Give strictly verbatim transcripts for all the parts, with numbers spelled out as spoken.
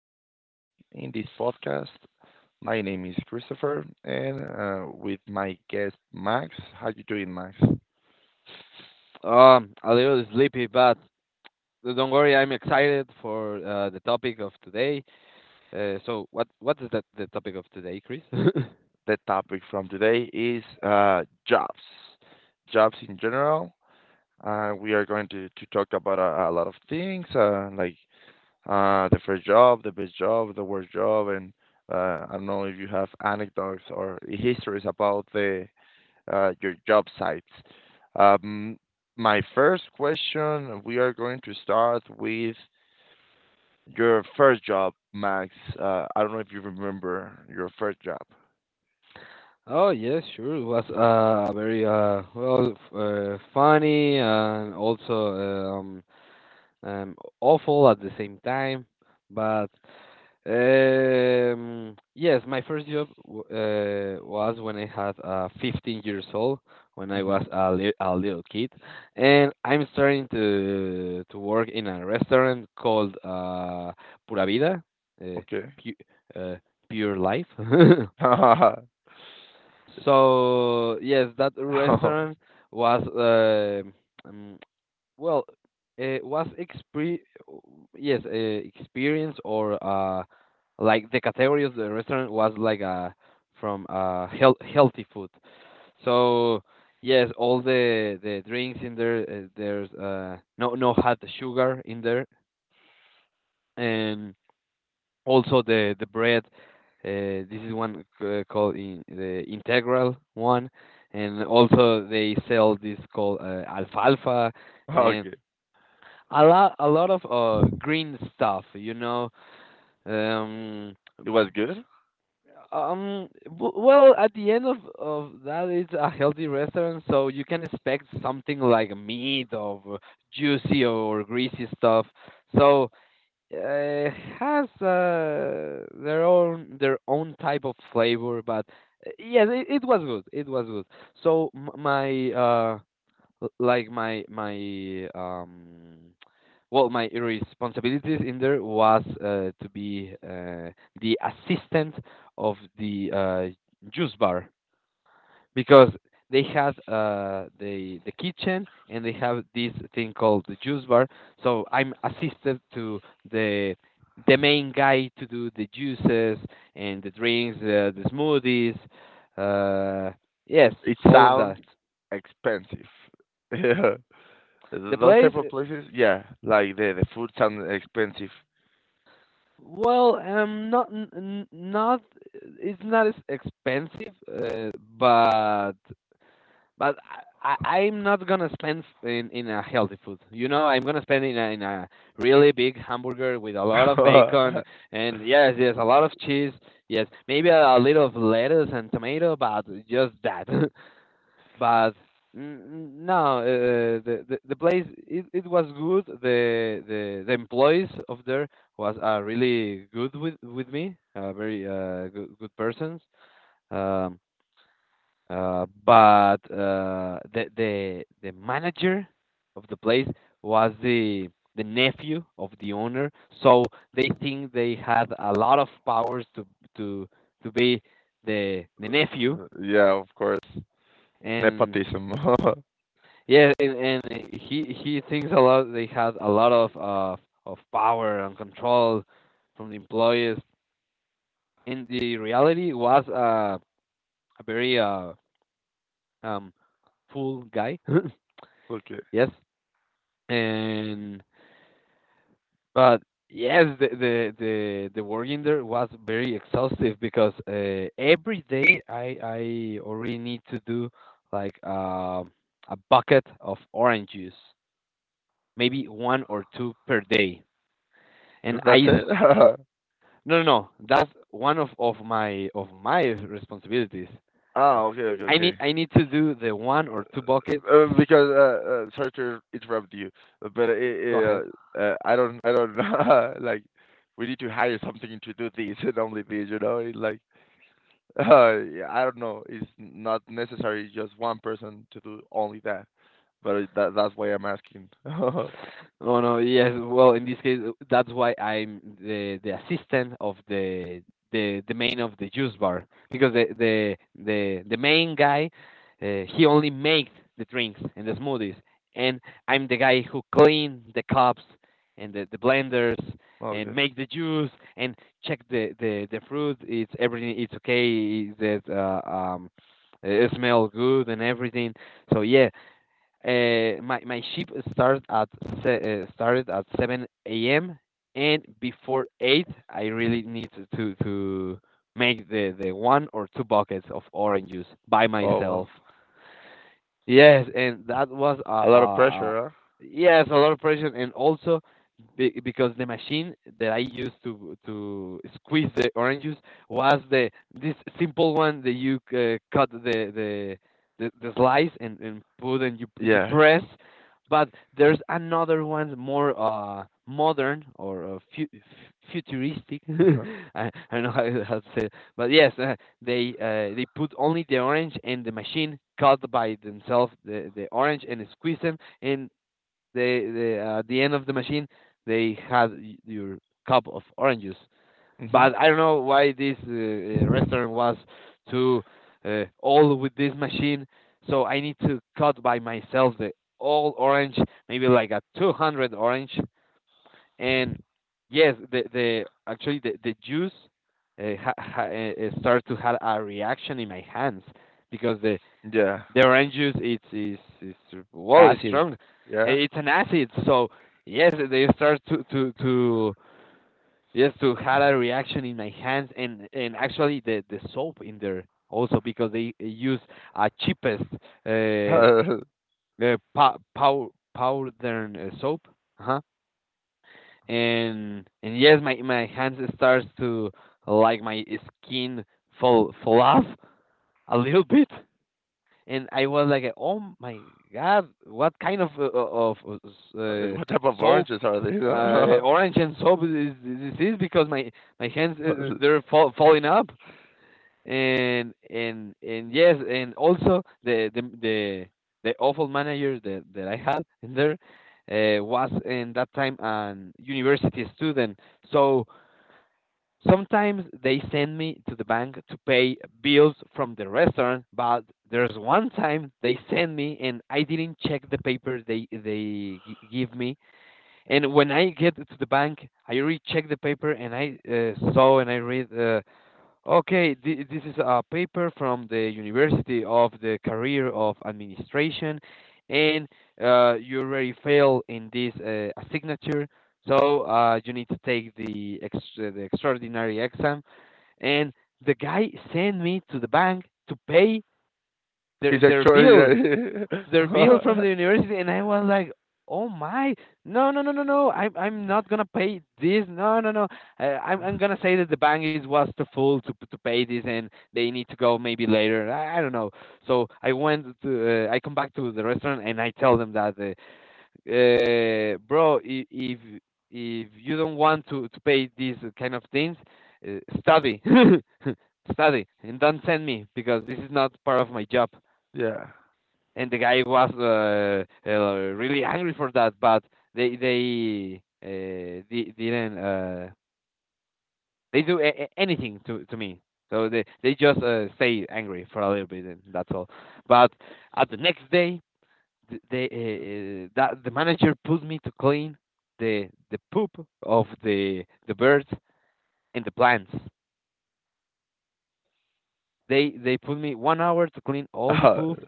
more time in this podcast. My name is Christopher, and uh, with my guest Max. How you doing, Max? Um, a little sleepy, but don't worry, I'm excited for uh, the topic of today. Uh, so what what is that the topic of today, Chris? The topic from today is uh, jobs, jobs in general. Uh, we are going to, to talk about a, a lot of things, uh, like uh, the first job, the best job, the worst job, and uh, I don't know if you have anecdotes or histories about the uh, your job sites. Um, My first question, we are going to start with your first job, Max. Uh, I don't know if you remember your first job. Oh yes, sure. It was uh, a very uh, well f- uh, funny and also um, um, awful at the same time. But Um, yes, my first job w- uh, was when I had uh, fifteen years old, when I hmm was a, li- a little kid, and I'm starting to to work in a restaurant called uh, Pura Vida, uh, Okay. pu uh, Pure Life. So yes, that restaurant was. Uh, um well, uh, was expre yes, uh, experience or uh, like the category of the restaurant was like uh from uh health healthy food. So yes, all the the drinks in there, uh, there's uh no no had sugar in there, and also the the bread. Uh, this is one c- called in, the integral one, and also they sell this called uh, alfalfa. And Okay. a lot a lot of uh green stuff you know um It was good? um w- well, at the end of of that, it's a healthy restaurant, so you can expect something like meat or juicy or greasy stuff, so uh, has uh, their own their own type of flavor, but uh, yes, it, it was good, it was good. So m- my uh l- like my my um well, my responsibilities in there was uh, to be uh, the assistant of the uh, juice bar, because they had uh, the the kitchen, and they have this thing called the juice bar, so I'm assisted to the the main guy to do the juices and the drinks, uh, the smoothies, uh, yes, It all of sounds that, expensive. Yeah. the Those type place. of places, yeah, like the the food sounds expensive. Well, um, not n- n- not, it's not as expensive, uh, but but I, I I'm not gonna spend f- in in a healthy food. You know, I'm gonna spend in a in a really big hamburger with a lot of bacon and yes, yes, a lot of cheese. Yes, maybe a, a little of lettuce and tomato, but just that. but mm, mm, no, uh, uh, the, the the place, it, it was good. The the the employees of there was uh, really good with with me, uh, very uh, good good persons. Um, uh, but uh, The the the manager of the place was the the nephew of the owner, so they think they had a lot of powers to to to be the the nephew. Yeah, of course. And Nepotism. yeah, and, and he he thinks a lot. They had a lot of uh, of power and control from the employees. And the reality was uh, a very uh, um, fool guy. Okay. yes, and but Yes, the, the the the work in there was very exhaustive, because uh, every day I I already need to do like uh, a bucket of orange juice, maybe one or two per day. And That's I, it? no, no, no, that's one of of my of my responsibilities. Ah, okay, okay, I need okay. I need to do the one or two buckets. Uh, because uh, uh, sorry to interrupt you, uh, but it, Go it, ahead. uh, uh, I don't, I don't know. Like, we need to hire something to do this and only this, you know? It, like, uh, yeah, I don't know. It's not necessary just one person to do only that. But it, that, that's why I'm asking. Oh no, yes. Well, in this case, uh, that's why I'm the the assistant of the the the main of the juice bar, because the the the the main guy, uh, he only makes the drinks and the smoothies, and I'm the guy who clean the cups and the, the blenders and Okay. make the juice and check the the the fruit. It's everything. It's okay. Is that uh, um, it smell good and everything. So yeah, uh, my my shift started at se- uh, started at seven a m and before eight, I really need to to, to make the, the one or two buckets of orange juice by Oh wow, myself. Yes, and that was a a uh, lot of uh pressure, huh? yes, a lot of pressure, and also be, because the machine that I used to to squeeze the oranges was the this simple one that you uh, cut the the the, the slice and, and put and you you Yeah. press, but there's another one more uh modern or uh, fu- f- futuristic. I, I don't know how, how to say it. But yes, uh, they uh, they put only the orange and the machine cut by themselves the, the orange and squeeze them, and the the uh, at the end of the machine they had your cup of oranges. Hmm. But I don't know why this uh, uh, restaurant was too uh, all with this machine, so I need to cut by myself the all orange, maybe like a two hundred orange. And yes, the the actually the the juice, uh, ha, ha, uh, starts to have a reaction in my hands, because the Yeah. the orange juice, it's is is well, it's Acid. strong. Eh, Yeah. it's an acid. So yes, they start to to to, yes, to have a reaction in my hands. and and actually the the soap in there, also because they use a cheapest uh, uh pow pow powder soap. Uh-huh. And and yes, my my hands starts to, like, my skin fall fall off a little bit, and I was like, oh my god, what kind of uh, uh, of Uh, uh, what type of soap, oranges are uh, orange and soap is, is this, is because my my hands they? uh, they're fall, falling up. And and and yes, and also the the the, the awful manager that that I had in there, uh, was in that time an university student. So sometimes they send me to the bank to pay bills from the restaurant, but there's one time they send me and I didn't check the papers they they gi- give me. And when I get to the bank, I recheck the paper and I, uh, saw and I read. Uh, Okay, thi- this is a paper from the University of the Career of Administration, and uh, you already fail in this uh, signature, so uh, you need to take the extra, the extraordinary exam. And the guy sent me to the bank to pay their He's their actually bill, the bill from the university. And I was like, "Oh my, no, no, no, no, no! I'm I'm not gonna pay this. No, no, no. Uh, I'm I'm gonna say that the bank is was too full to to pay this and they need to go maybe later. I, I don't know." So I went to, uh, I come back to the restaurant and I tell them that, uh, uh, bro, i- if if you don't want to to pay these kind of things, uh, study. Study and don't send me, because this is not part of my job. yeah. And the guy was uh, uh, really angry for that, but they they uh, di- didn't uh, they do a- a- anything to to me. So they they just uh, stay angry for a little bit, and that's all. But at the next day, th- they uh, Oh. uh, that the manager put me to clean the the poop of the the birds and the plants. They they put me one hour to clean all the Uh, poop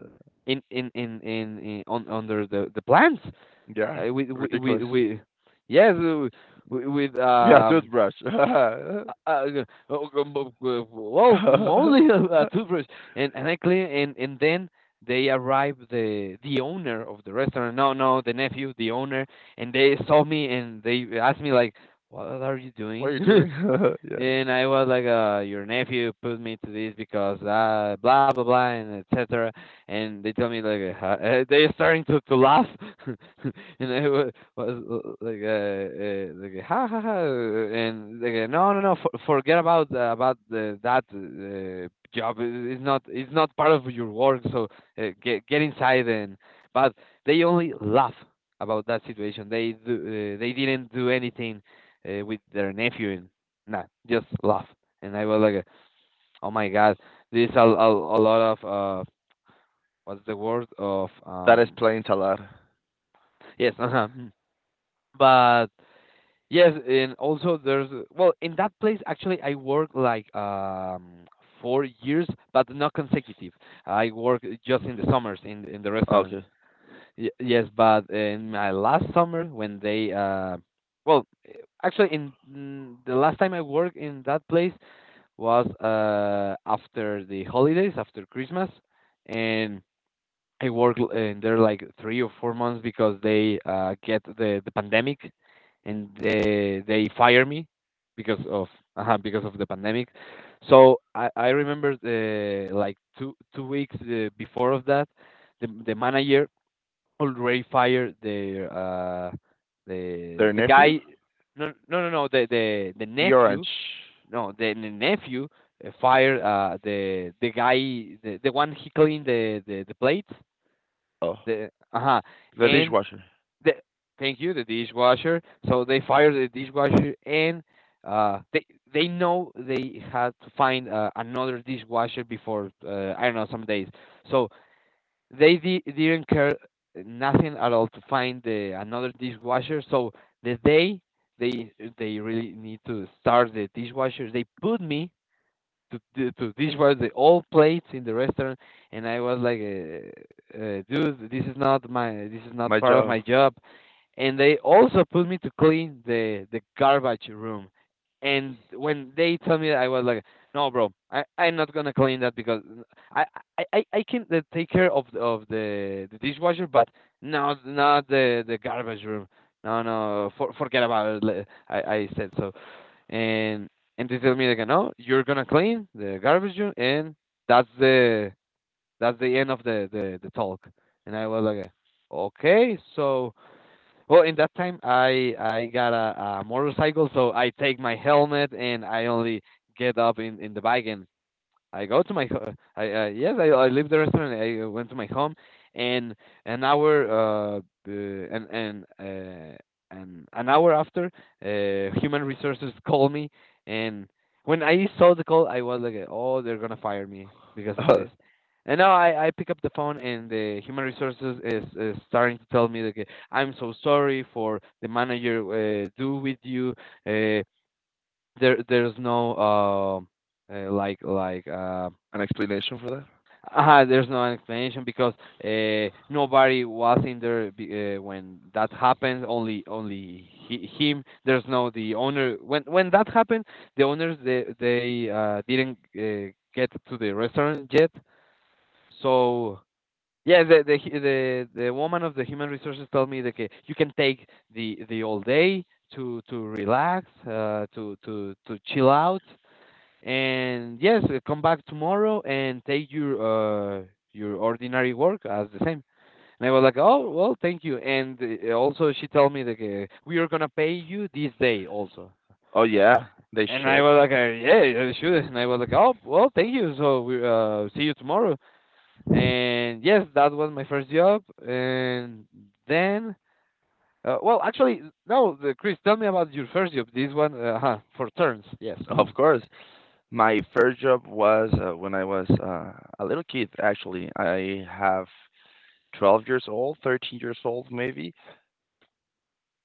in in in in, in on under the the plants, yeah, uh, with with with, ridiculous. with, yes uh, with, with Yeah, um toothbrush. What uh, uh, uh, well, mostly a, a toothbrush. And and I clean, and and then they arrived the the owner of the restaurant, no no, the nephew, the owner. And they saw me and they asked me like, what are you are doing? you doing? Yeah. And I was like, uh, your nephew put me to this because uh, blah blah blah and et cetera. And they tell me like, uh, "Huh?" Uh, they're starting to to laugh, and I was, was uh, like, uh, uh, like ha ha ha, and like uh, no no no, for, forget about uh, about the, that uh, job. It's not it's not part of your work. So uh, get get inside and but they only laugh about that situation. They do, uh, they didn't do anything uh, with their nephew. And nah, just laugh. And I was like, oh my God, there's a, a, a lot of, uh, what's the word of, That um, explains a lot. yes. Uh, but yes, and also there's, well, in that place, actually, I worked like, um, four years, but not consecutive. I work just in the summers in, in the restaurants. Okay. Y- yes, but in my last summer when they, uh, well, actually in mm, the last time I worked in that place, was uh after the holidays, after Christmas, and I worked l- in there like three or four months because they uh get the the pandemic, and they they fire me because of uh because of the pandemic. So I I remember the like two two weeks uh, before of that, the the manager already fired the uh the Their the nephew? guy. No no no no the the the The nephew. orange. No the, the nephew uh, fired uh, the the guy, the, the one he cleaned the the, the plates. Oh. The uh-huh. The And dishwasher. the thank you, the dishwasher. So they fired the dishwasher, and uh they they know they had to find uh, another dishwasher before, uh, I don't know, some days. So they di- didn't care nothing at all to find the another dishwasher. So the day they they really need to start the dishwasher, they put me to di- to dishwash the old plates in the restaurant. And I was like, uh, uh, dude, this is not my, this is not My part of job. my job. And they also put me to clean the the garbage room. And when they tell me that, I was like, no bro, i i'm not gonna clean that because i i i I can uh, take care of the- of the the dishwasher, but not not the the garbage room. No, no, for, forget about it. Le- i i said so. and and they tell me like, no, you're gonna clean the garbage room, and that's the that's the end of the the, the talk. And I was like, okay, so well, in that time I I got a, a motorcycle, so I take my helmet and I only get up in in the bike, and I go to my ho- I, I, yes, I, I leave the restaurant. I uh, went to my home, and an hour uh, uh and and uh and an hour after, uh human resources called me. And when I saw the call, I was like, oh, they're gonna fire me because of this. An And now I I pick up the phone, and the human resources is, is starting to tell me like, I'm so sorry for the manager uh, do with you. Uh there there's no um uh, like like uh explanation for that? uh, there's no explanation because, uh, nobody was in there be- uh, when that happened. Only only he, him. There's no the owner. When when that happened, the owners they they uh, didn't uh, get to the restaurant yet. So yeah, the the hu- the the woman of the human resources told me that okay, you can take the the all day to to relax, uh, to to to chill out. And yes, uh, come back tomorrow and take your uh your ordinary work as the same. And I was like, oh well, thank you. And uh, also she told me that, uh, we are gonna pay you this day also. Oh, yeah, they And I should. was like, uh, yeah, yeah, sure. And I was like, oh well, thank you. So we uh see you tomorrow. And yes, that was my first job. And then. Uh, well, actually, no, the, Chris, tell me about your first job. This one, uh, huh, for turns, yes. Mm. Of course. My first job was uh, when I was uh, a little kid, actually. I have twelve years old, thirteen years old maybe,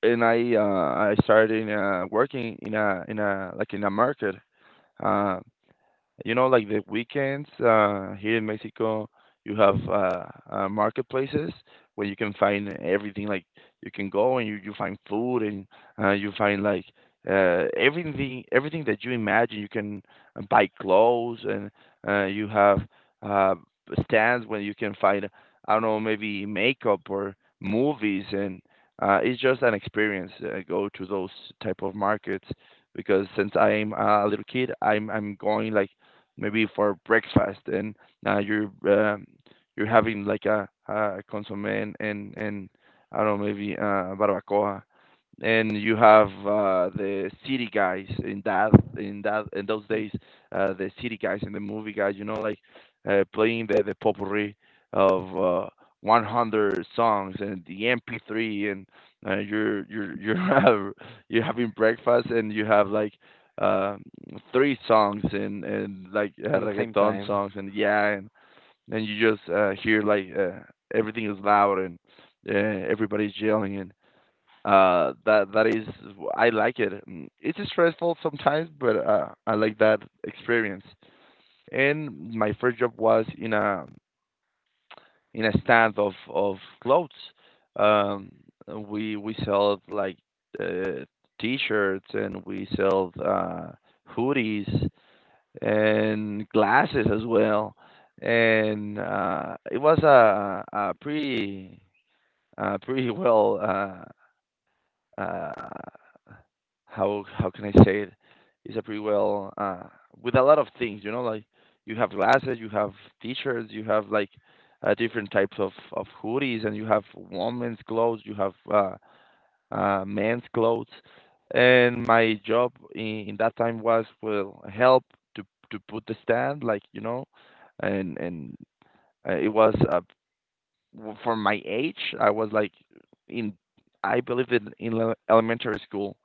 and I uh, I started uh, working in a in a like in a market. Uh, you know, like the weekends uh, here in Mexico, you have uh, uh, marketplaces where you can find everything. Like you can go and you, you find food and uh, you find like uh, everything everything that you imagine. You can uh, buy clothes and uh, you have uh, stands where you can find I don't know maybe makeup or movies and uh, it's just an experience. Uh, go to those type of markets because since I'm a little kid, I'm I'm going like maybe for breakfast and now you're um, you're having like a, a consomme and, and and I don't know maybe uh, barbacoa and you have uh, the city guys in that in that in those days uh, the city guys and the movie guys you know like uh, playing the the potpourri of uh, one hundred songs and the M P three and uh, you're you're you're have, you're having breakfast and you have like um three songs and and like uh, At the same reggaeton time. songs and yeah and and you just uh, hear like uh, everything is loud and uh, everybody's yelling uh, that that is, I like it. Mm, it's stressful sometimes, but uh, I like that experience. And my first job was in a in a stand of of clothes. Um, we we sell like uh, t-shirts and we sell uh, hoodies and glasses as well. And uh, it was a a pretty uh, pretty well. Uh, uh, how how can I say it? It's a pretty well uh, with a lot of things, you know, like you have glasses, you have t-shirts, you have like uh, different types of of hoodies, and you have women's clothes, you have uh, uh, men's clothes, and my job in, in that time was well help to to put the stand, like you know, and and uh, it was uh, w- for my age, I was like in I believe in in ele- elementary school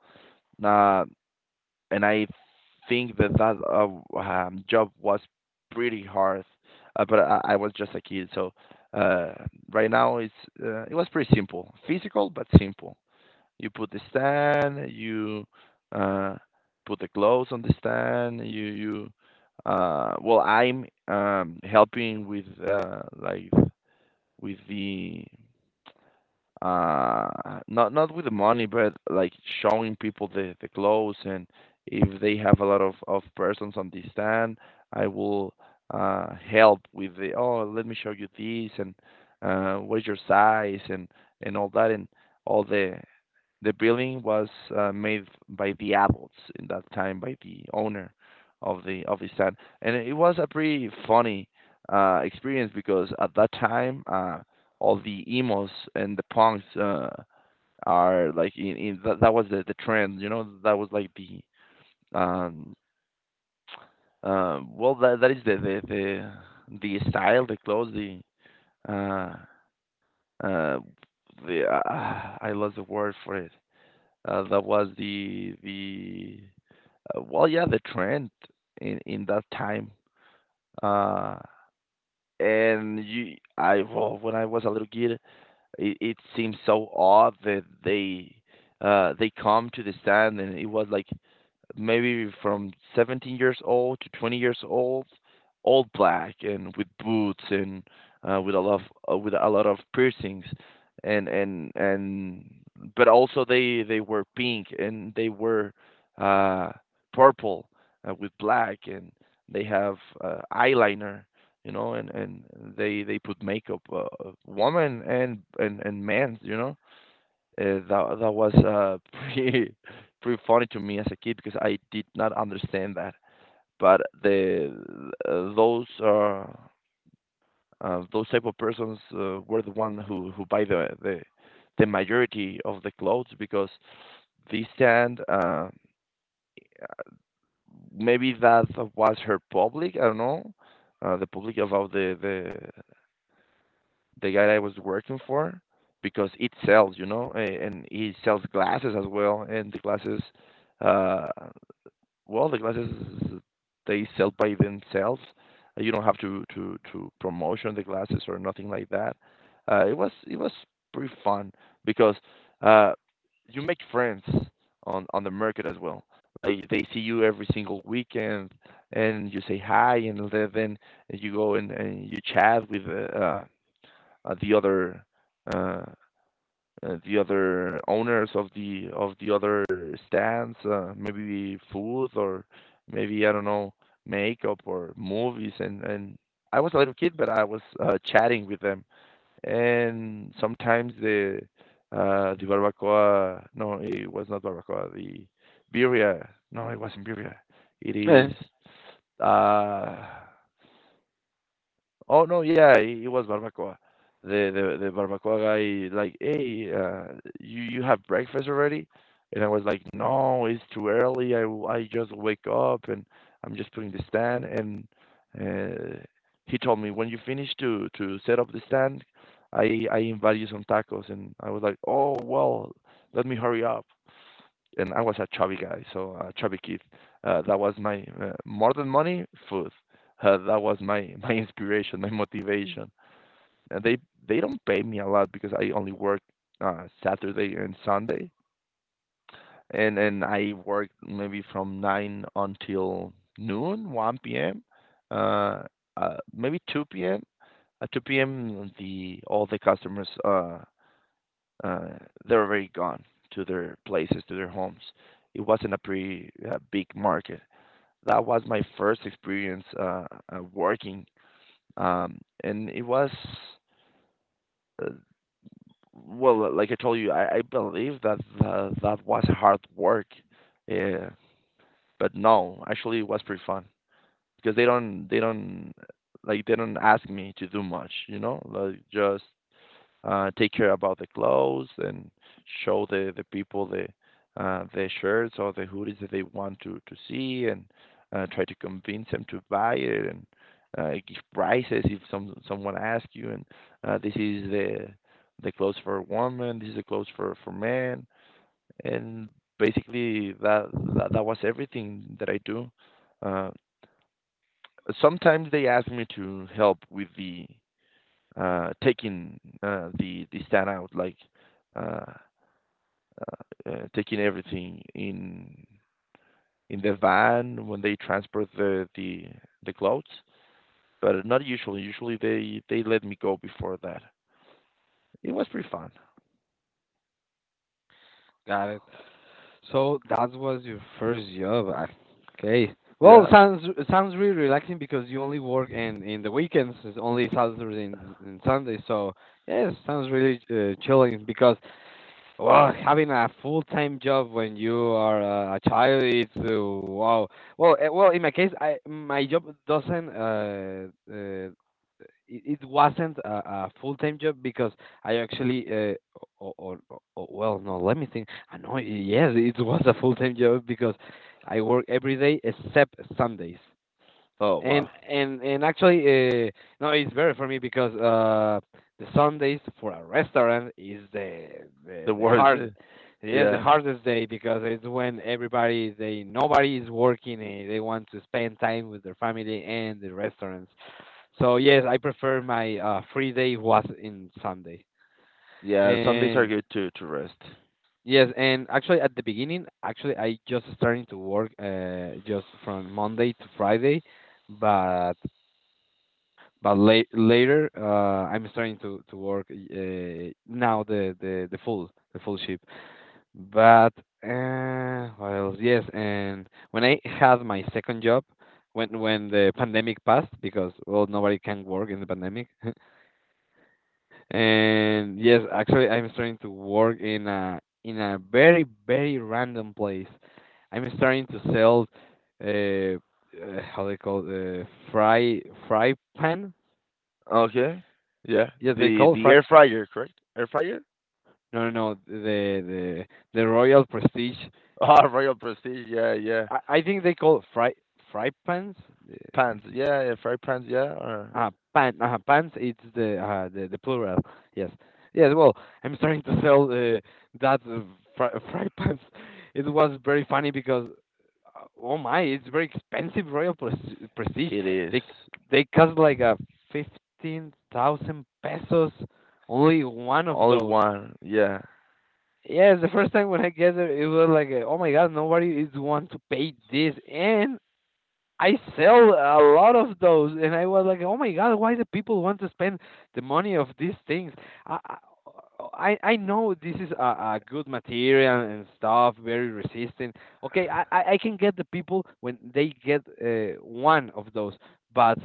uh, and I think that that uh, um, job was pretty hard, uh, but I, I was just a kid. So uh, right now it's uh, it was pretty simple, physical but simple. You put the stand, you uh, put the clothes on the stand. You you uh, well, I'm um, helping with uh, like with the uh not not with the money but like showing people the the clothes and if they have a lot of of persons on the stand I will uh help with the oh let me show you this and uh what's your size and and all that and all the the building was uh, made by the adults in that time by the owner of the of the stand, and it was a pretty funny uh, experience because at that time uh, all the emos and the punks uh, are like in, in that, that was the, the trend, you know, that was like the um, uh, well, that that is the the the, the style, the clothes, the uh, uh, the uh, I lost the word for it. Uh, that was the the uh, well, yeah, the trend in in that time. Uh, and you, I well, when I was a little kid, it, it seemed so odd that they uh they come to the stand and it was like maybe from seventeen years old to twenty years old, all black and with boots and uh, with a lot of, uh, with a lot of piercings and and and but also they they were pink and they were uh purple uh, with black and they have uh, eyeliner you know and and they they put makeup uh, uh, woman and and and men you know uh, that that was uh, pretty pretty funny to me as a kid because I did not understand that. But the uh, those uh, uh, those type of persons uh, were the one who who buy the the the majority of the clothes because this stand uh, maybe that was her public. I don't know uh, the public about the the the guy I was working for because it sells, you know, a- and he sells glasses as well. And the glasses, uh, well, the glasses they sell by themselves. Uh, You don't have to to to promotion the glasses or nothing like that. Uh, it was it was pretty fun because uh, you make friends on on the market as well. They they see you every single weekend, and you say hi, and then you go and, and you chat with uh, uh, uh, the other uh, uh, the other owners of the of the other stands, uh, maybe food or maybe I don't know makeup or movies and and I was a little kid, but I was uh, chatting with them. And sometimes the uh, the barbacoa, no, it was not barbacoa. The birria, no, it wasn't birria. It Yeah. is uh, Oh, no, yeah, he it was barbacoa. The the the barbacoa guy like, "Hey, uh, you you have breakfast already?" And I was like, "No, it's too early. I w- I just wake up and I'm just putting the stand." And uh, he told me, "When you finish to to set up the stand, I I invite you some tacos." And I was like, "Oh, well, let me hurry up." And I was a chubby guy, so a chubby kid. Uh, that was my uh, more than money, food. Uh, that was my my inspiration, my motivation. And they they don't pay me a lot because I only work uh, Saturday and Sunday, and and I work maybe from nine until noon, one p m, uh, uh, maybe two p m. At two p m, the all the customers uh, uh, they're already gone to their places, to their homes. It wasn't a pretty uh, big market. That was my first experience uh, uh, working, um, and it was uh, well, like I told you, I, I believe that uh, that was hard work, uh, but no, actually it was pretty fun because they don't they don't like they don't ask me to do much, you know, like just uh, take care about the clothes and show the, the people the uh, the shirts or the hoodies that they want to, to see and uh, try to convince them to buy it and uh, give prices if some someone asks you and uh, this is the the clothes for women, this is the clothes for for men, and basically that that, that was everything that I do. Uh, sometimes they ask me to help with the uh, taking uh, the the stand out, like uh, uh, uh, taking everything in in the van when they transport the the the clothes. But not usually. Usually they they let me go before that. It was pretty fun. Got it. So that was your first job. I- okay. Well, Yeah. sounds, it sounds really relaxing because you only work in in the weekends. It's only Saturday and, and Sunday. So yes, sounds really uh, chilling because, well, having a full-time job when you are uh, a child, it's uh, wow. Well, uh, well, in my case, I my job doesn't uh, uh, it, it wasn't a, a full-time job because I actually uh, or, or, or well no let me think. I know, yes, it was a full-time job because I work every day except Sundays, Oh and wow. and and actually uh, no, it's better for me because uh the Sundays for a restaurant is the the, The the worst, eh? hard, yes, the Yeah. hardest day, because it's when everybody, they nobody is working and they want to spend time with their family and the restaurants. So yes, I prefer my uh, free day was in Sunday. Yeah. Sundays are And good to to rest. yes, and actually at the beginning, actually I just starting to work, uh, just from Monday to Friday, but but late, later uh, I'm starting to to work uh, now the, the the full the full shift. But uh, what else? Yes, and when I had my second job. When when the pandemic passed, because well nobody can work in the pandemic. And yes, actually, I'm starting to work in a in a very very random place. I'm starting to sell, uh, uh how they call uh, fry fry pan. Okay. Yeah. Yes, they The call the fry. air uh, fryer, correct? Air fryer? No, no, no. The the the Royal Prestige. Ah, Royal Prestige. Yeah, yeah. I, I think they call fry fry pans. Pants. Yeah, air fry pants. Yeah. Or… Uh, pan, uh, pants. It's the uh, the the plural. Yes, yes. Well, I'm starting to sell uh, that uh, fry, fry pants. It was very funny because, uh, oh my, it's very expensive Royal Pres- Prestige. It is. They they cost like uh, fifteen thousand pesos. Only one of Only those. one, yeah. Yes, the first time when I get it, it was like, uh, oh my God, nobody is want to pay this. And I sell a lot of those, and I was like, "Oh my God, why do people want to spend the money of these things?" I I, I know this is a, a good material and stuff, very resistant. Okay, I, I I can get the people when they get uh, one of those. But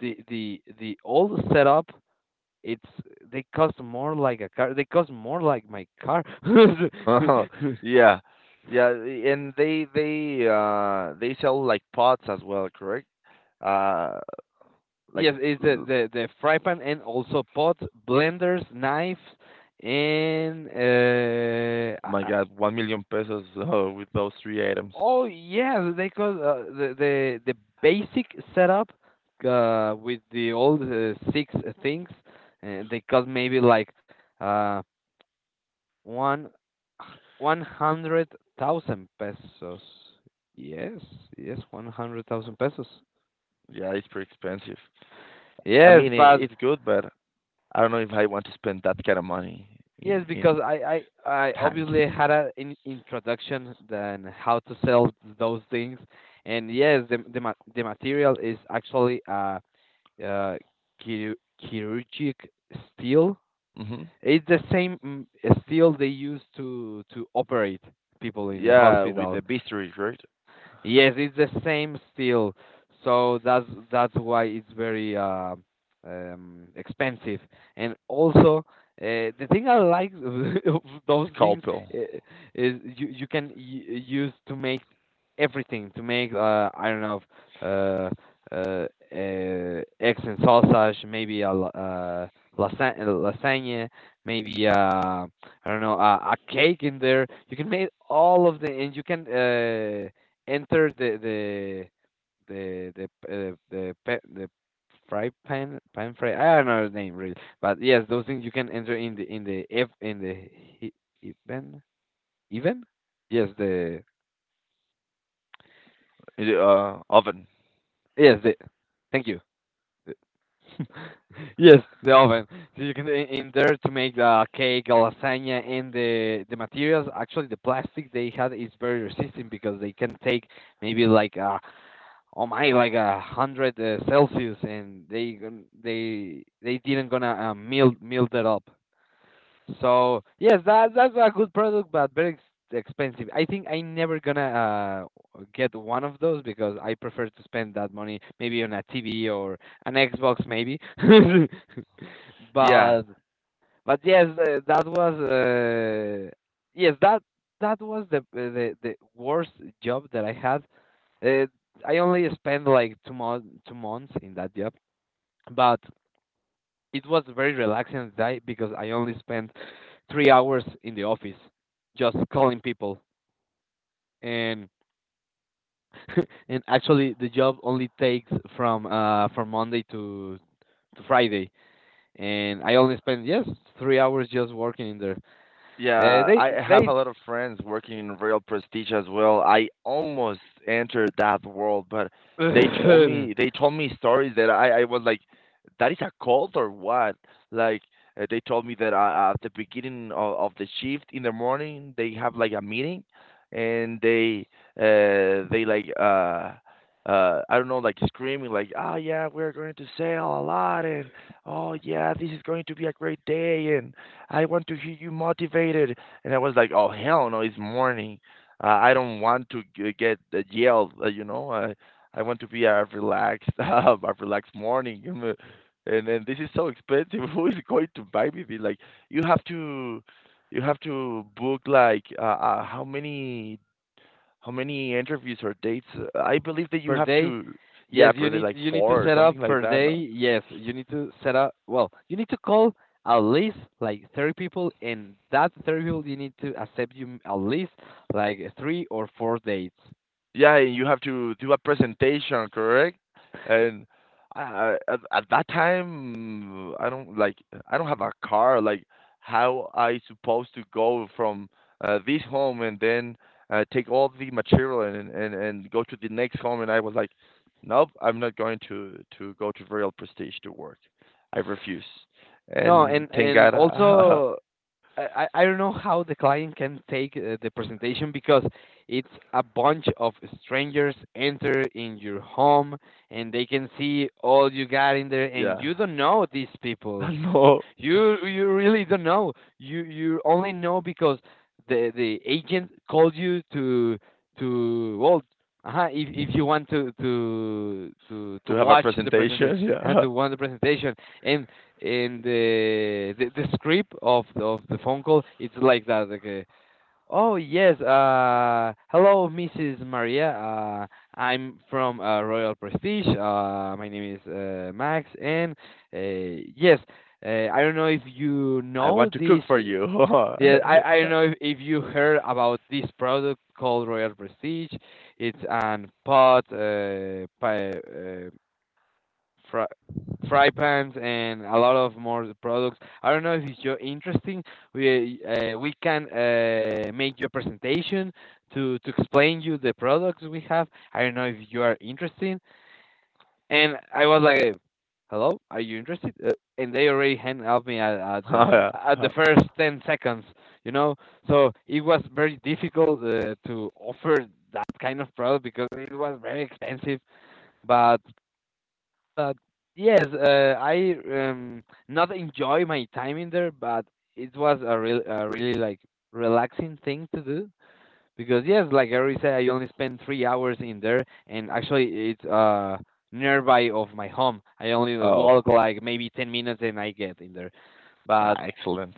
the the the old setup, it's they cost more like a car. They cost more like my car. Yeah. Yeah, and they they uh they sell like pots as well, correct? Uh like Yes, it's the, l- the, the fry pan, and also pots, blenders, knives, and uh, my I- I- God, one million pesos uh, with those three items. oh yeah, they call uh, the the the basic setup uh, with the old uh, six things. Uh, they cost maybe like uh one one hundred thousand pesos. Yes, yes, one hundred thousand pesos. Yeah, it's pretty expensive. I Yes, mean, it, but it's good, but I don't know if I want to spend that kind of money in yes, in because I, I, I pants. obviously had an in introduction then how to sell those things. And yes, the the, ma the material is actually uh, uh chir- chirurgic steel. Hmm. It's the same mm, steel they use to to operate people in the Yeah, with hospital. the bistro, right? Yes, it's the same steel, so that's that's why it's very uh, um, expensive. And also, uh, the thing I like of those things Scalpel, uh, is you you can y- use to make everything, to make uh I don't know uh uh, uh eggs and sausage, maybe a la- uh lasa- lasagna, maybe uh I don't know, a, a cake in there. You can make all of the, and you can uh enter the the the the uh, the pe- the fry pan pan fry I don't know the name really. But yes, those things you can enter in the in the if in the he- even even, yes, the uh, oven. yes the thank you. Yes, the oven. So you can in in there to make the cake, lasagna, and the the materials. Actually, the plastic they had is very resistant because they can take maybe like uh oh my, like a hundred uh, Celsius, and they gon- they they didn't gonna uh, melt melt it up. So yes, that that's a good product, but very ex- expensive. I think I never gonna uh, get one of those because I prefer to spend that money maybe on a T V or an Xbox maybe. Yeah. but but yes, uh, that was uh, yes that that was the uh, the the worst job that I had. Uh, I only spent like two months two months in that job, but it was very relaxing day because I only spent three hours in the office, just calling people. And and actually the job only takes from uh from Monday to to Friday, and I only spent, yes, three hours just working in there. Uh, Yeah, I have a they lot of friends working in Real Prestige as well. I almost entered that world, but they told they me they told me stories that I, I was like, that is a cult or what? Like uh, they told me that uh, at the beginning of, of the shift in the morning they have like a meeting, and they uh they like uh uh I don't know, like screaming like, oh yeah, we're going to sell a lot, and oh yeah, this is going to be a great day, and I want to hear you motivated. And I was like, oh, hell no, it's morning. Uh, I don't want to g- get uh, yelled, uh, you know. I, I want to be a relaxed, uh, a relaxed morning. you know. And and this is so expensive. Who is going to buy me this? Like, you have to, you have to book like uh, uh, how many how many interviews or dates? Uh, I believe that you per have day. to, yeah, Yes, you probably need like you need to four or set up something like per that. day. No? Yes, you need to set up. Well, you need to call at least like thirty people, and that thirty people you need to accept you at least like three or four dates. Yeah, and you have to do a presentation, correct? And I, I- at, at that time, I don't like I don't have a car. Like, how I supposed to go from uh, this home and then uh, take all the material, and, and and go to the next home? And I was like, nope, I'm not going to to go to Real Prestige to work. I refuse. No, And and thank and God, uh, also I I I don't know how the client can take uh, the presentation because it's a bunch of strangers enter in your home, and they can see all you got in there, and you yeah, don't know these people. no, You you really don't know. You you only know because the the agent called you to to well, uh if if you want to to to to to have a watch the present, presentation. uh, Yeah, to watch the presentation. and and the the, the script of of the phone call it's like that. Like, uh, oh yes. Uh, hello, missus Maria. Uh, I'm from uh, Royal Prestige. Uh, my name is uh, Max, and uh, yes, uh, I don't know if you I know want to cook this. for you. Yeah, I, I don't know if, if you heard about this product called Royal Prestige. It's an pot uh, pie, fry fry pans, and a lot of more products. I don't know if it's your interesting. We uh, we can uh, make your presentation to to explain you the products we have. I don't know if you are interested. And I was like, "Hello, are you interested?" Uh, and they already hand out me at, at the Yeah. at Uh, the first ten seconds, you know. So it was very difficult uh, to offer that kind of product because it was very expensive. But but yes, uh, I um, not enjoy my time in there, but it was a real, a really like relaxing thing to do because yes, like I already said, I only spent three hours in there, and actually it's uh nearby of my home. I only oh, walk like maybe ten minutes, and I get in there. But excellent.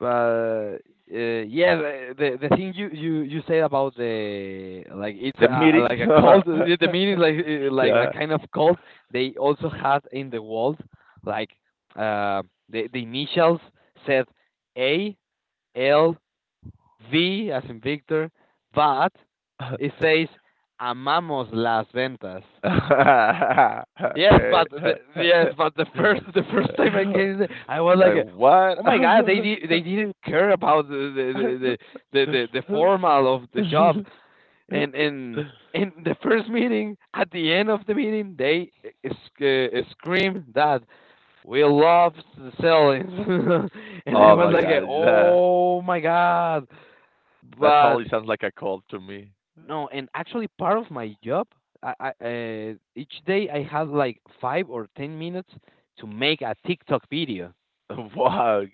but uh, yeah, the, the the thing you you you said about the like it's The a, meetings. like a cult. uh, The meaning like uh, like a Yeah. kind of cult. They also had in the walls like uh, the the initials said A L V as in Victor, but it says Amamos las ventas. Yes, but the, yes, but the first the first time I came, I was like, Like, what? oh my god, they di- they didn't care about the the the the, the, the formal of the job, and and in the first meeting, at the end of the meeting, they sc- uh, screamed that we love selling, and I Oh was my like, God, that oh my god, that but totally sounds like a cult to me. no, and actually part of my job, I, I uh, each day I have like five or ten minutes to make a TikTok video Wow,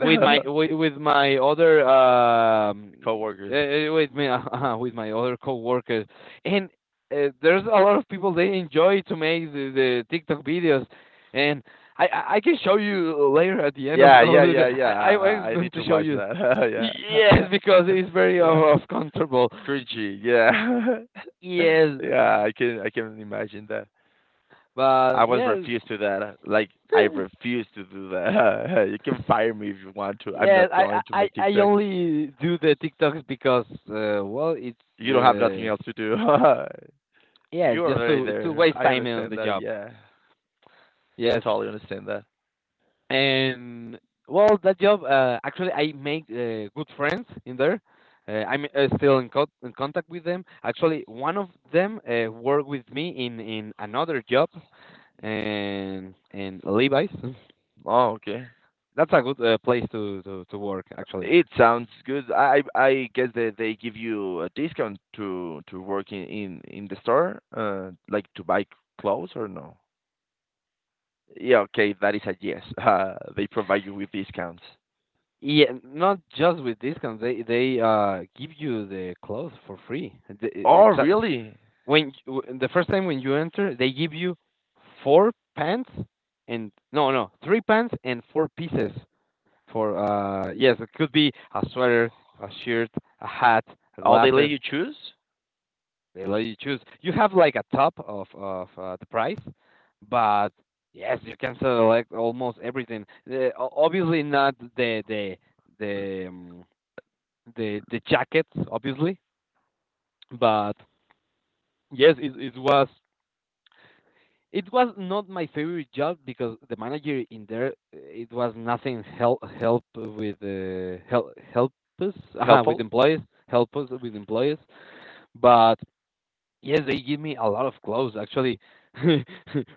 with my with, with my other um Coworkers. uh, with me uh, with my other coworkers, and uh, there's a lot of people they enjoy to make the, the TikTok videos, and I, I I can show you later at the end of, Yeah, of yeah, the, yeah, I yeah. I I'm I I going need to to show watch you. that. Yeah, Yes, because it's very uh, yeah. uncomfortable. Cringy, yeah. Yes, Yeah, I can I can imagine that. but I was yeah, refused to that. Like, I refuse to do that. You can fire me if you want to. I'm yeah, not I, going to I I make I TikTok. only do the TikToks because uh, well, it's You don't have nothing uh, else to do. yeah, You it's are just very to to there. waste I time on understand the that. job. Yeah, Yes, totally understand that. and well, that job uh, actually I made uh, good friends in there. Uh, I'm uh, still in, co- in contact with them. Actually, one of them uh, worked with me in in another job, and in Levi's. Oh, okay. That's a good uh, place to, to to work actually. It sounds good. I I I guess that they give you a discount to to work in in, in the store, uh, like to buy clothes or no? Yeah, okay, that is a yes. Uh, they provide you with discounts. Yeah, not just with discounts. They they uh give you the clothes for free. The, eh, Oh, exa- really? when you, the first time when you enter, they give you four pants and no no three pants and four pieces for uh yes it could be a sweater, a shirt, a hat, Oh, they let glasses. you choose? They let you choose. You have like a top of of uh, the price, but yes, you can select almost everything. The, o- obviously not the the the. um, the the jackets, obviously. But yes, it it was it was not my favorite job because the manager in there uh, it was nothing help help with uh, help help us uh, with Helpful? employees help us with employees. But yes, they give me a lot of clothes actually.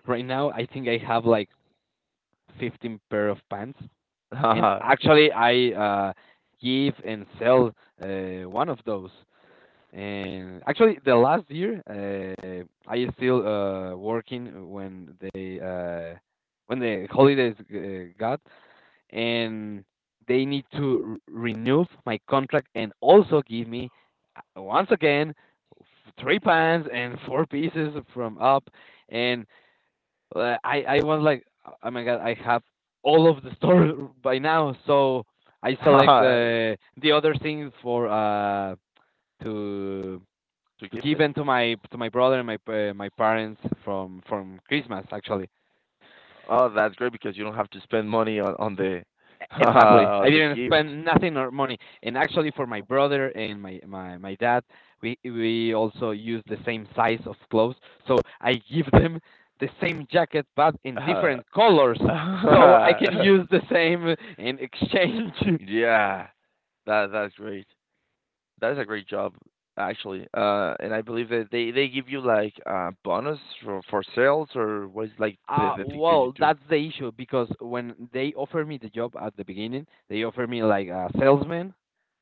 Right now, I think I have like fifteen pair of pants, and To actually I uh, give and sell uh, one of those. And actually, the last year, uh, I still uh, working when they uh, when the holidays uh, got, and they need to re- renew my contract and also give me uh, once again f- three pants and four pieces from up, and uh, I I was like, oh my god, I have all of the store by now, so I select the the other thing for uh to to gift give it? them to my to my brother and my uh, my parents from from Christmas actually. Oh, that's great because you don't have to spend money on, on the Exactly. I on the didn't gift. spend nothing or money. And actually for my brother and my my my dad, we we also use the same size of clothes. So I give them the same jacket but in Uh, different colors so I can use the same in exchange. yeah, that that's great. That's a great job, actually. Uh, and I believe that they, they give you like a bonus for, for sales, or what is like the Uh, the thing that you well, do? that's the issue because when they offer me the job at the beginning, they offer me like a salesman,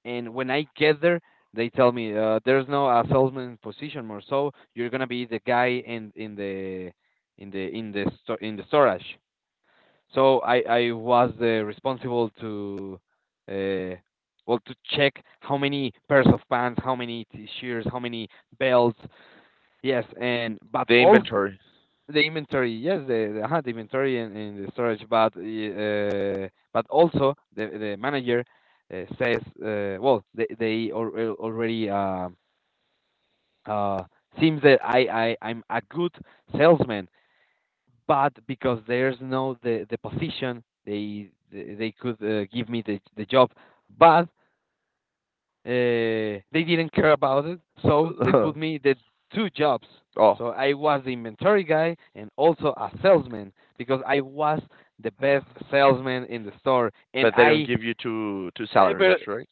and when I get there, they tell me uh, there's no uh, salesman position more, so you're gonna be the guy in in the in the in the sto- in the storage. So I I was the responsible to uh well to check how many pairs of pants, how many t-shirts, how many belts, yes, and but The also inventory. the inventory, yes, the, the, uh, the inventory and, and the storage, but uh, but also the the manager uh, says, uh, well, they they al al- already uh, uh, seems that I I I'm a good salesman, but because there's no the the position, they they they could uh, give me the the job, but uh, they didn't care about it, so they put me the two jobs. Oh. So I was the inventory guy and also a salesman because I was the best salesman in the store, and But they don't I give you two two eh, salaries, but right?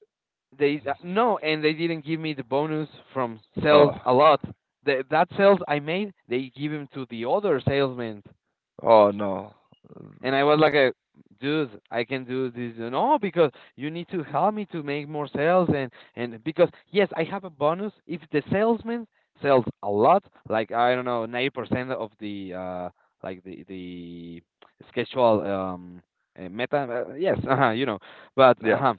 they uh, no, and they didn't give me the bonus from sales Oh, a lot. The, that sales I made, they give him to the other salesmen oh no. and I was like, a, dude, I can do this. You know, because you need to help me to make more sales. And, and because, yes, I have a bonus. If the salesman sells a lot, like, I don't know, ninety percent of the, uh, like the, the schedule, um, uh, meta, uh, yes, uh you know, but, Yeah, uh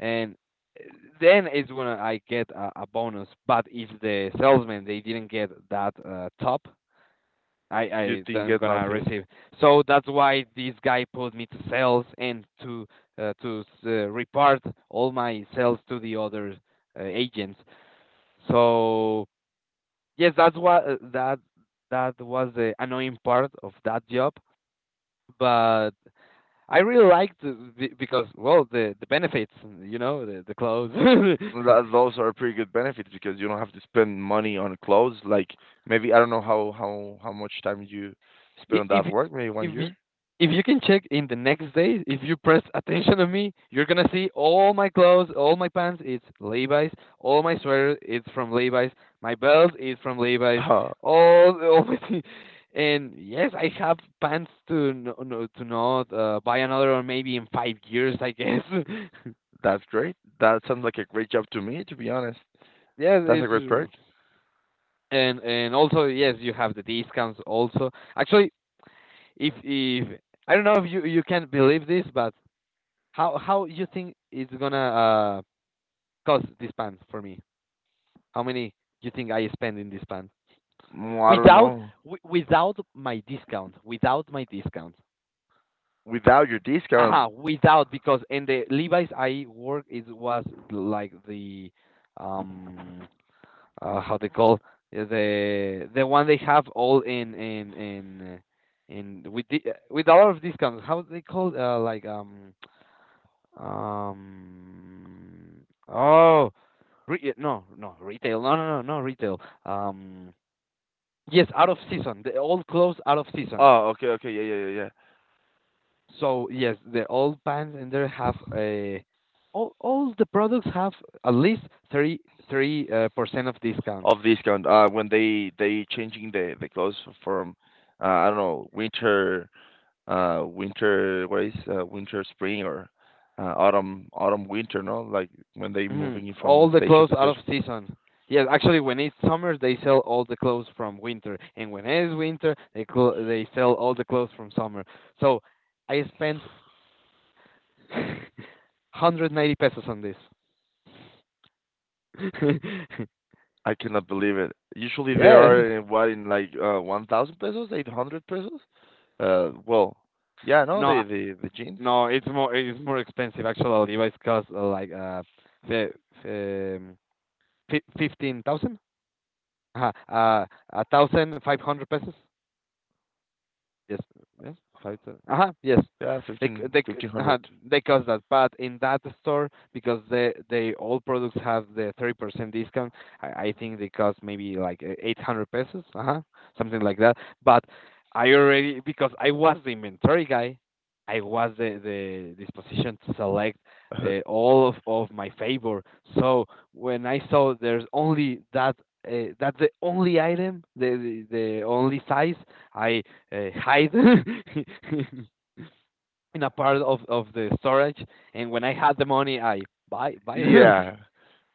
and uh, then it's when I get a, a bonus. But if the salesman, they didn't get that uh, top, you I I didn't am get gonna nothing. receive. So that's why this guy put me to sales and to uh, to uh, report all my sales to the other uh, agents. So yes, that's what uh, that that was the annoying part of that job, but I really liked the, the- because well the the benefits, you know, the the clothes. Th- Those are pretty good benefits because you don't have to spend money on clothes. Like, maybe I don't know how how how much time you spend I- on if that work. Maybe one if you, year. if you can check in the next day, if you press attention on me, you're gonna see all my clothes, all my pants, it's Levi's. All my sweater, it's from Levi's. My belt is from Levi's. Uh, All all my thi- and yes, I have pants to no, no, to not uh, buy another one maybe in five years, I guess. that's great. That sounds like a great job to me. To be honest, Yes, that's a great perk. it's and and also yes, you have the discounts also. Actually, if if I don't know if you you can believe this, but How how you think it's gonna uh cost this pan for me? How many you think I spend in this pan Mm, I don't without know. wi- without my discount? Without my discount. Without your discount. Aha, without because in the Levi's I work it was like the um uh, how they call yeah, the the one they have all in in in uh, in with the, with a lot of discounts. How they call uh, like um Um, oh, re- no, no, retail. No, no, no, no, retail. Um, yes, out of season. The old clothes out of season. Oh, okay, okay, yeah, yeah, yeah, yeah. So yes, the old pants in there have a all all the products have at least three three uh, percent of discount. Of discount, uh, when they they changing the the clothes from uh, I don't know, winter, uh winter what is uh, winter, spring, or uh, autumn autumn, winter, no, like when they Hmm. moving it from All the station clothes to out of station. season. Yes, actually, when it's summer, they sell all the clothes from winter, and when it's winter, they cl- they sell all the clothes from summer. So I spent one hundred ninety pesos on this. I cannot believe it. Usually they Yeah. are in, what, in like uh one thousand pesos, eight hundred pesos, uh well yeah, no No, the the the jeans no, it's more it's more expensive actually. Levi's cost uh, like uh, fi- um, fifteen thousand, uh, uh, a thousand five hundred pesos. Yes, yes, five to uh yes. yeah, They c- fifteen they c- fifteen uh hundred. they cost that, but in that store because they they all products have the thirty percent discount. I, I think they cost maybe like uh, eight hundred pesos, uh something like that. But I already because I was the inventory guy, I was the the disposition to select uh, all of of my favor. So when I saw there's only that uh, that's the only item, the the, the only size. I uh, hide in a part of of the storage. And when I had the money, I buy buy them. Yeah,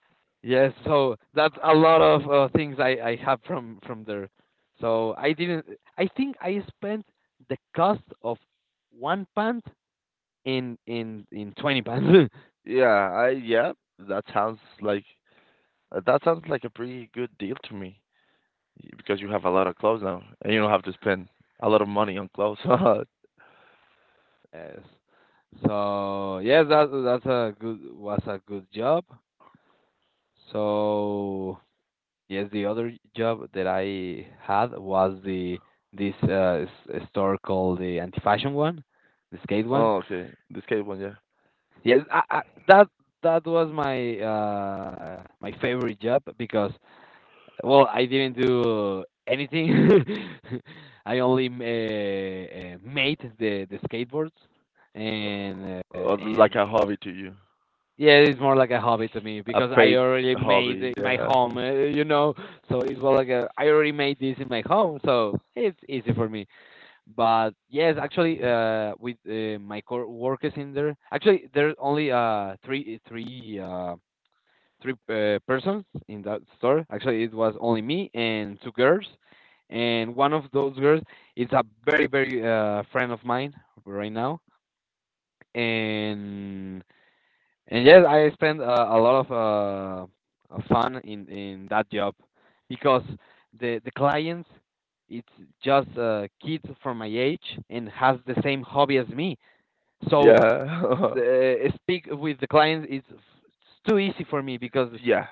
Yes, so that's a lot of uh, things I I have from from there. So I didn't. I think I spent the cost of one pant in in in twenty pants. yeah, I, yeah, that sounds like, uh, that sounds like a pretty good deal to me, y- because you have a lot of clothes now and you don't have to spend a lot of money on clothes. Yes. So yes, that that's a good was a good job. So yes, the other job that I had was the this uh, s- store called the anti-fashion one, the skate one. Oh, okay. This case one, yeah. Yes, I, I, that that was my uh, my favorite job because well, I didn't do anything. I only uh, uh, made the the skateboards and uh, Or like and a hobby to you. yeah, it's more like a hobby to me A because I paid already made hobby, it in my yeah. home, uh, you know. So it's more like a, I already made this in my home, so it's easy for me. But yes, actually, uh, with uh, my co workers in there, actually there's only uh three three uh three uh, persons in that store. Actually, it was only me and two girls, and one of those girls is a very very uh friend of mine right now, and and yes, I spent uh, a lot of uh, uh, fun in in that job because the the clients it's just uh, kids from my age and has the same hobby as me. So Yeah. uh, speak with the clients is it's too easy for me because Yeah.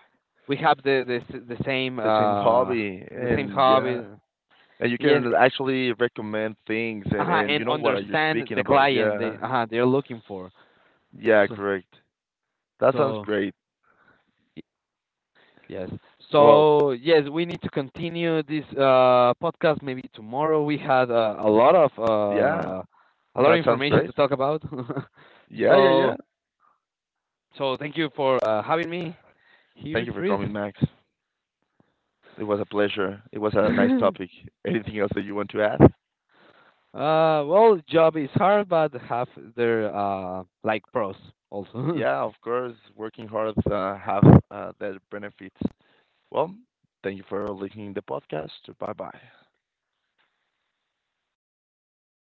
we have the the s- the same The same uh hobby, the same and yeah. hobby. And you Yes, can actually recommend things and uh and you and know what are you understand speaking the about. client they Yeah. uh they're looking for. Yeah, So correct. That sounds so. great. Yes. Well, So yes, we need to continue this uh, podcast maybe tomorrow. We had uh, a lot of yeah. uh, a lot of That sounds information great. to talk about. Yeah, yeah, yeah. so so thank you for uh, having me Thank here, you for Chris. coming, Max. It was a pleasure. It was a nice uh, topic. Anything else that you want to add? well, job is hard, but have their uh, like pros also. Yeah, of course. Working hard uh, have uh, their benefits. Well, thank you for listening to the podcast. Bye bye.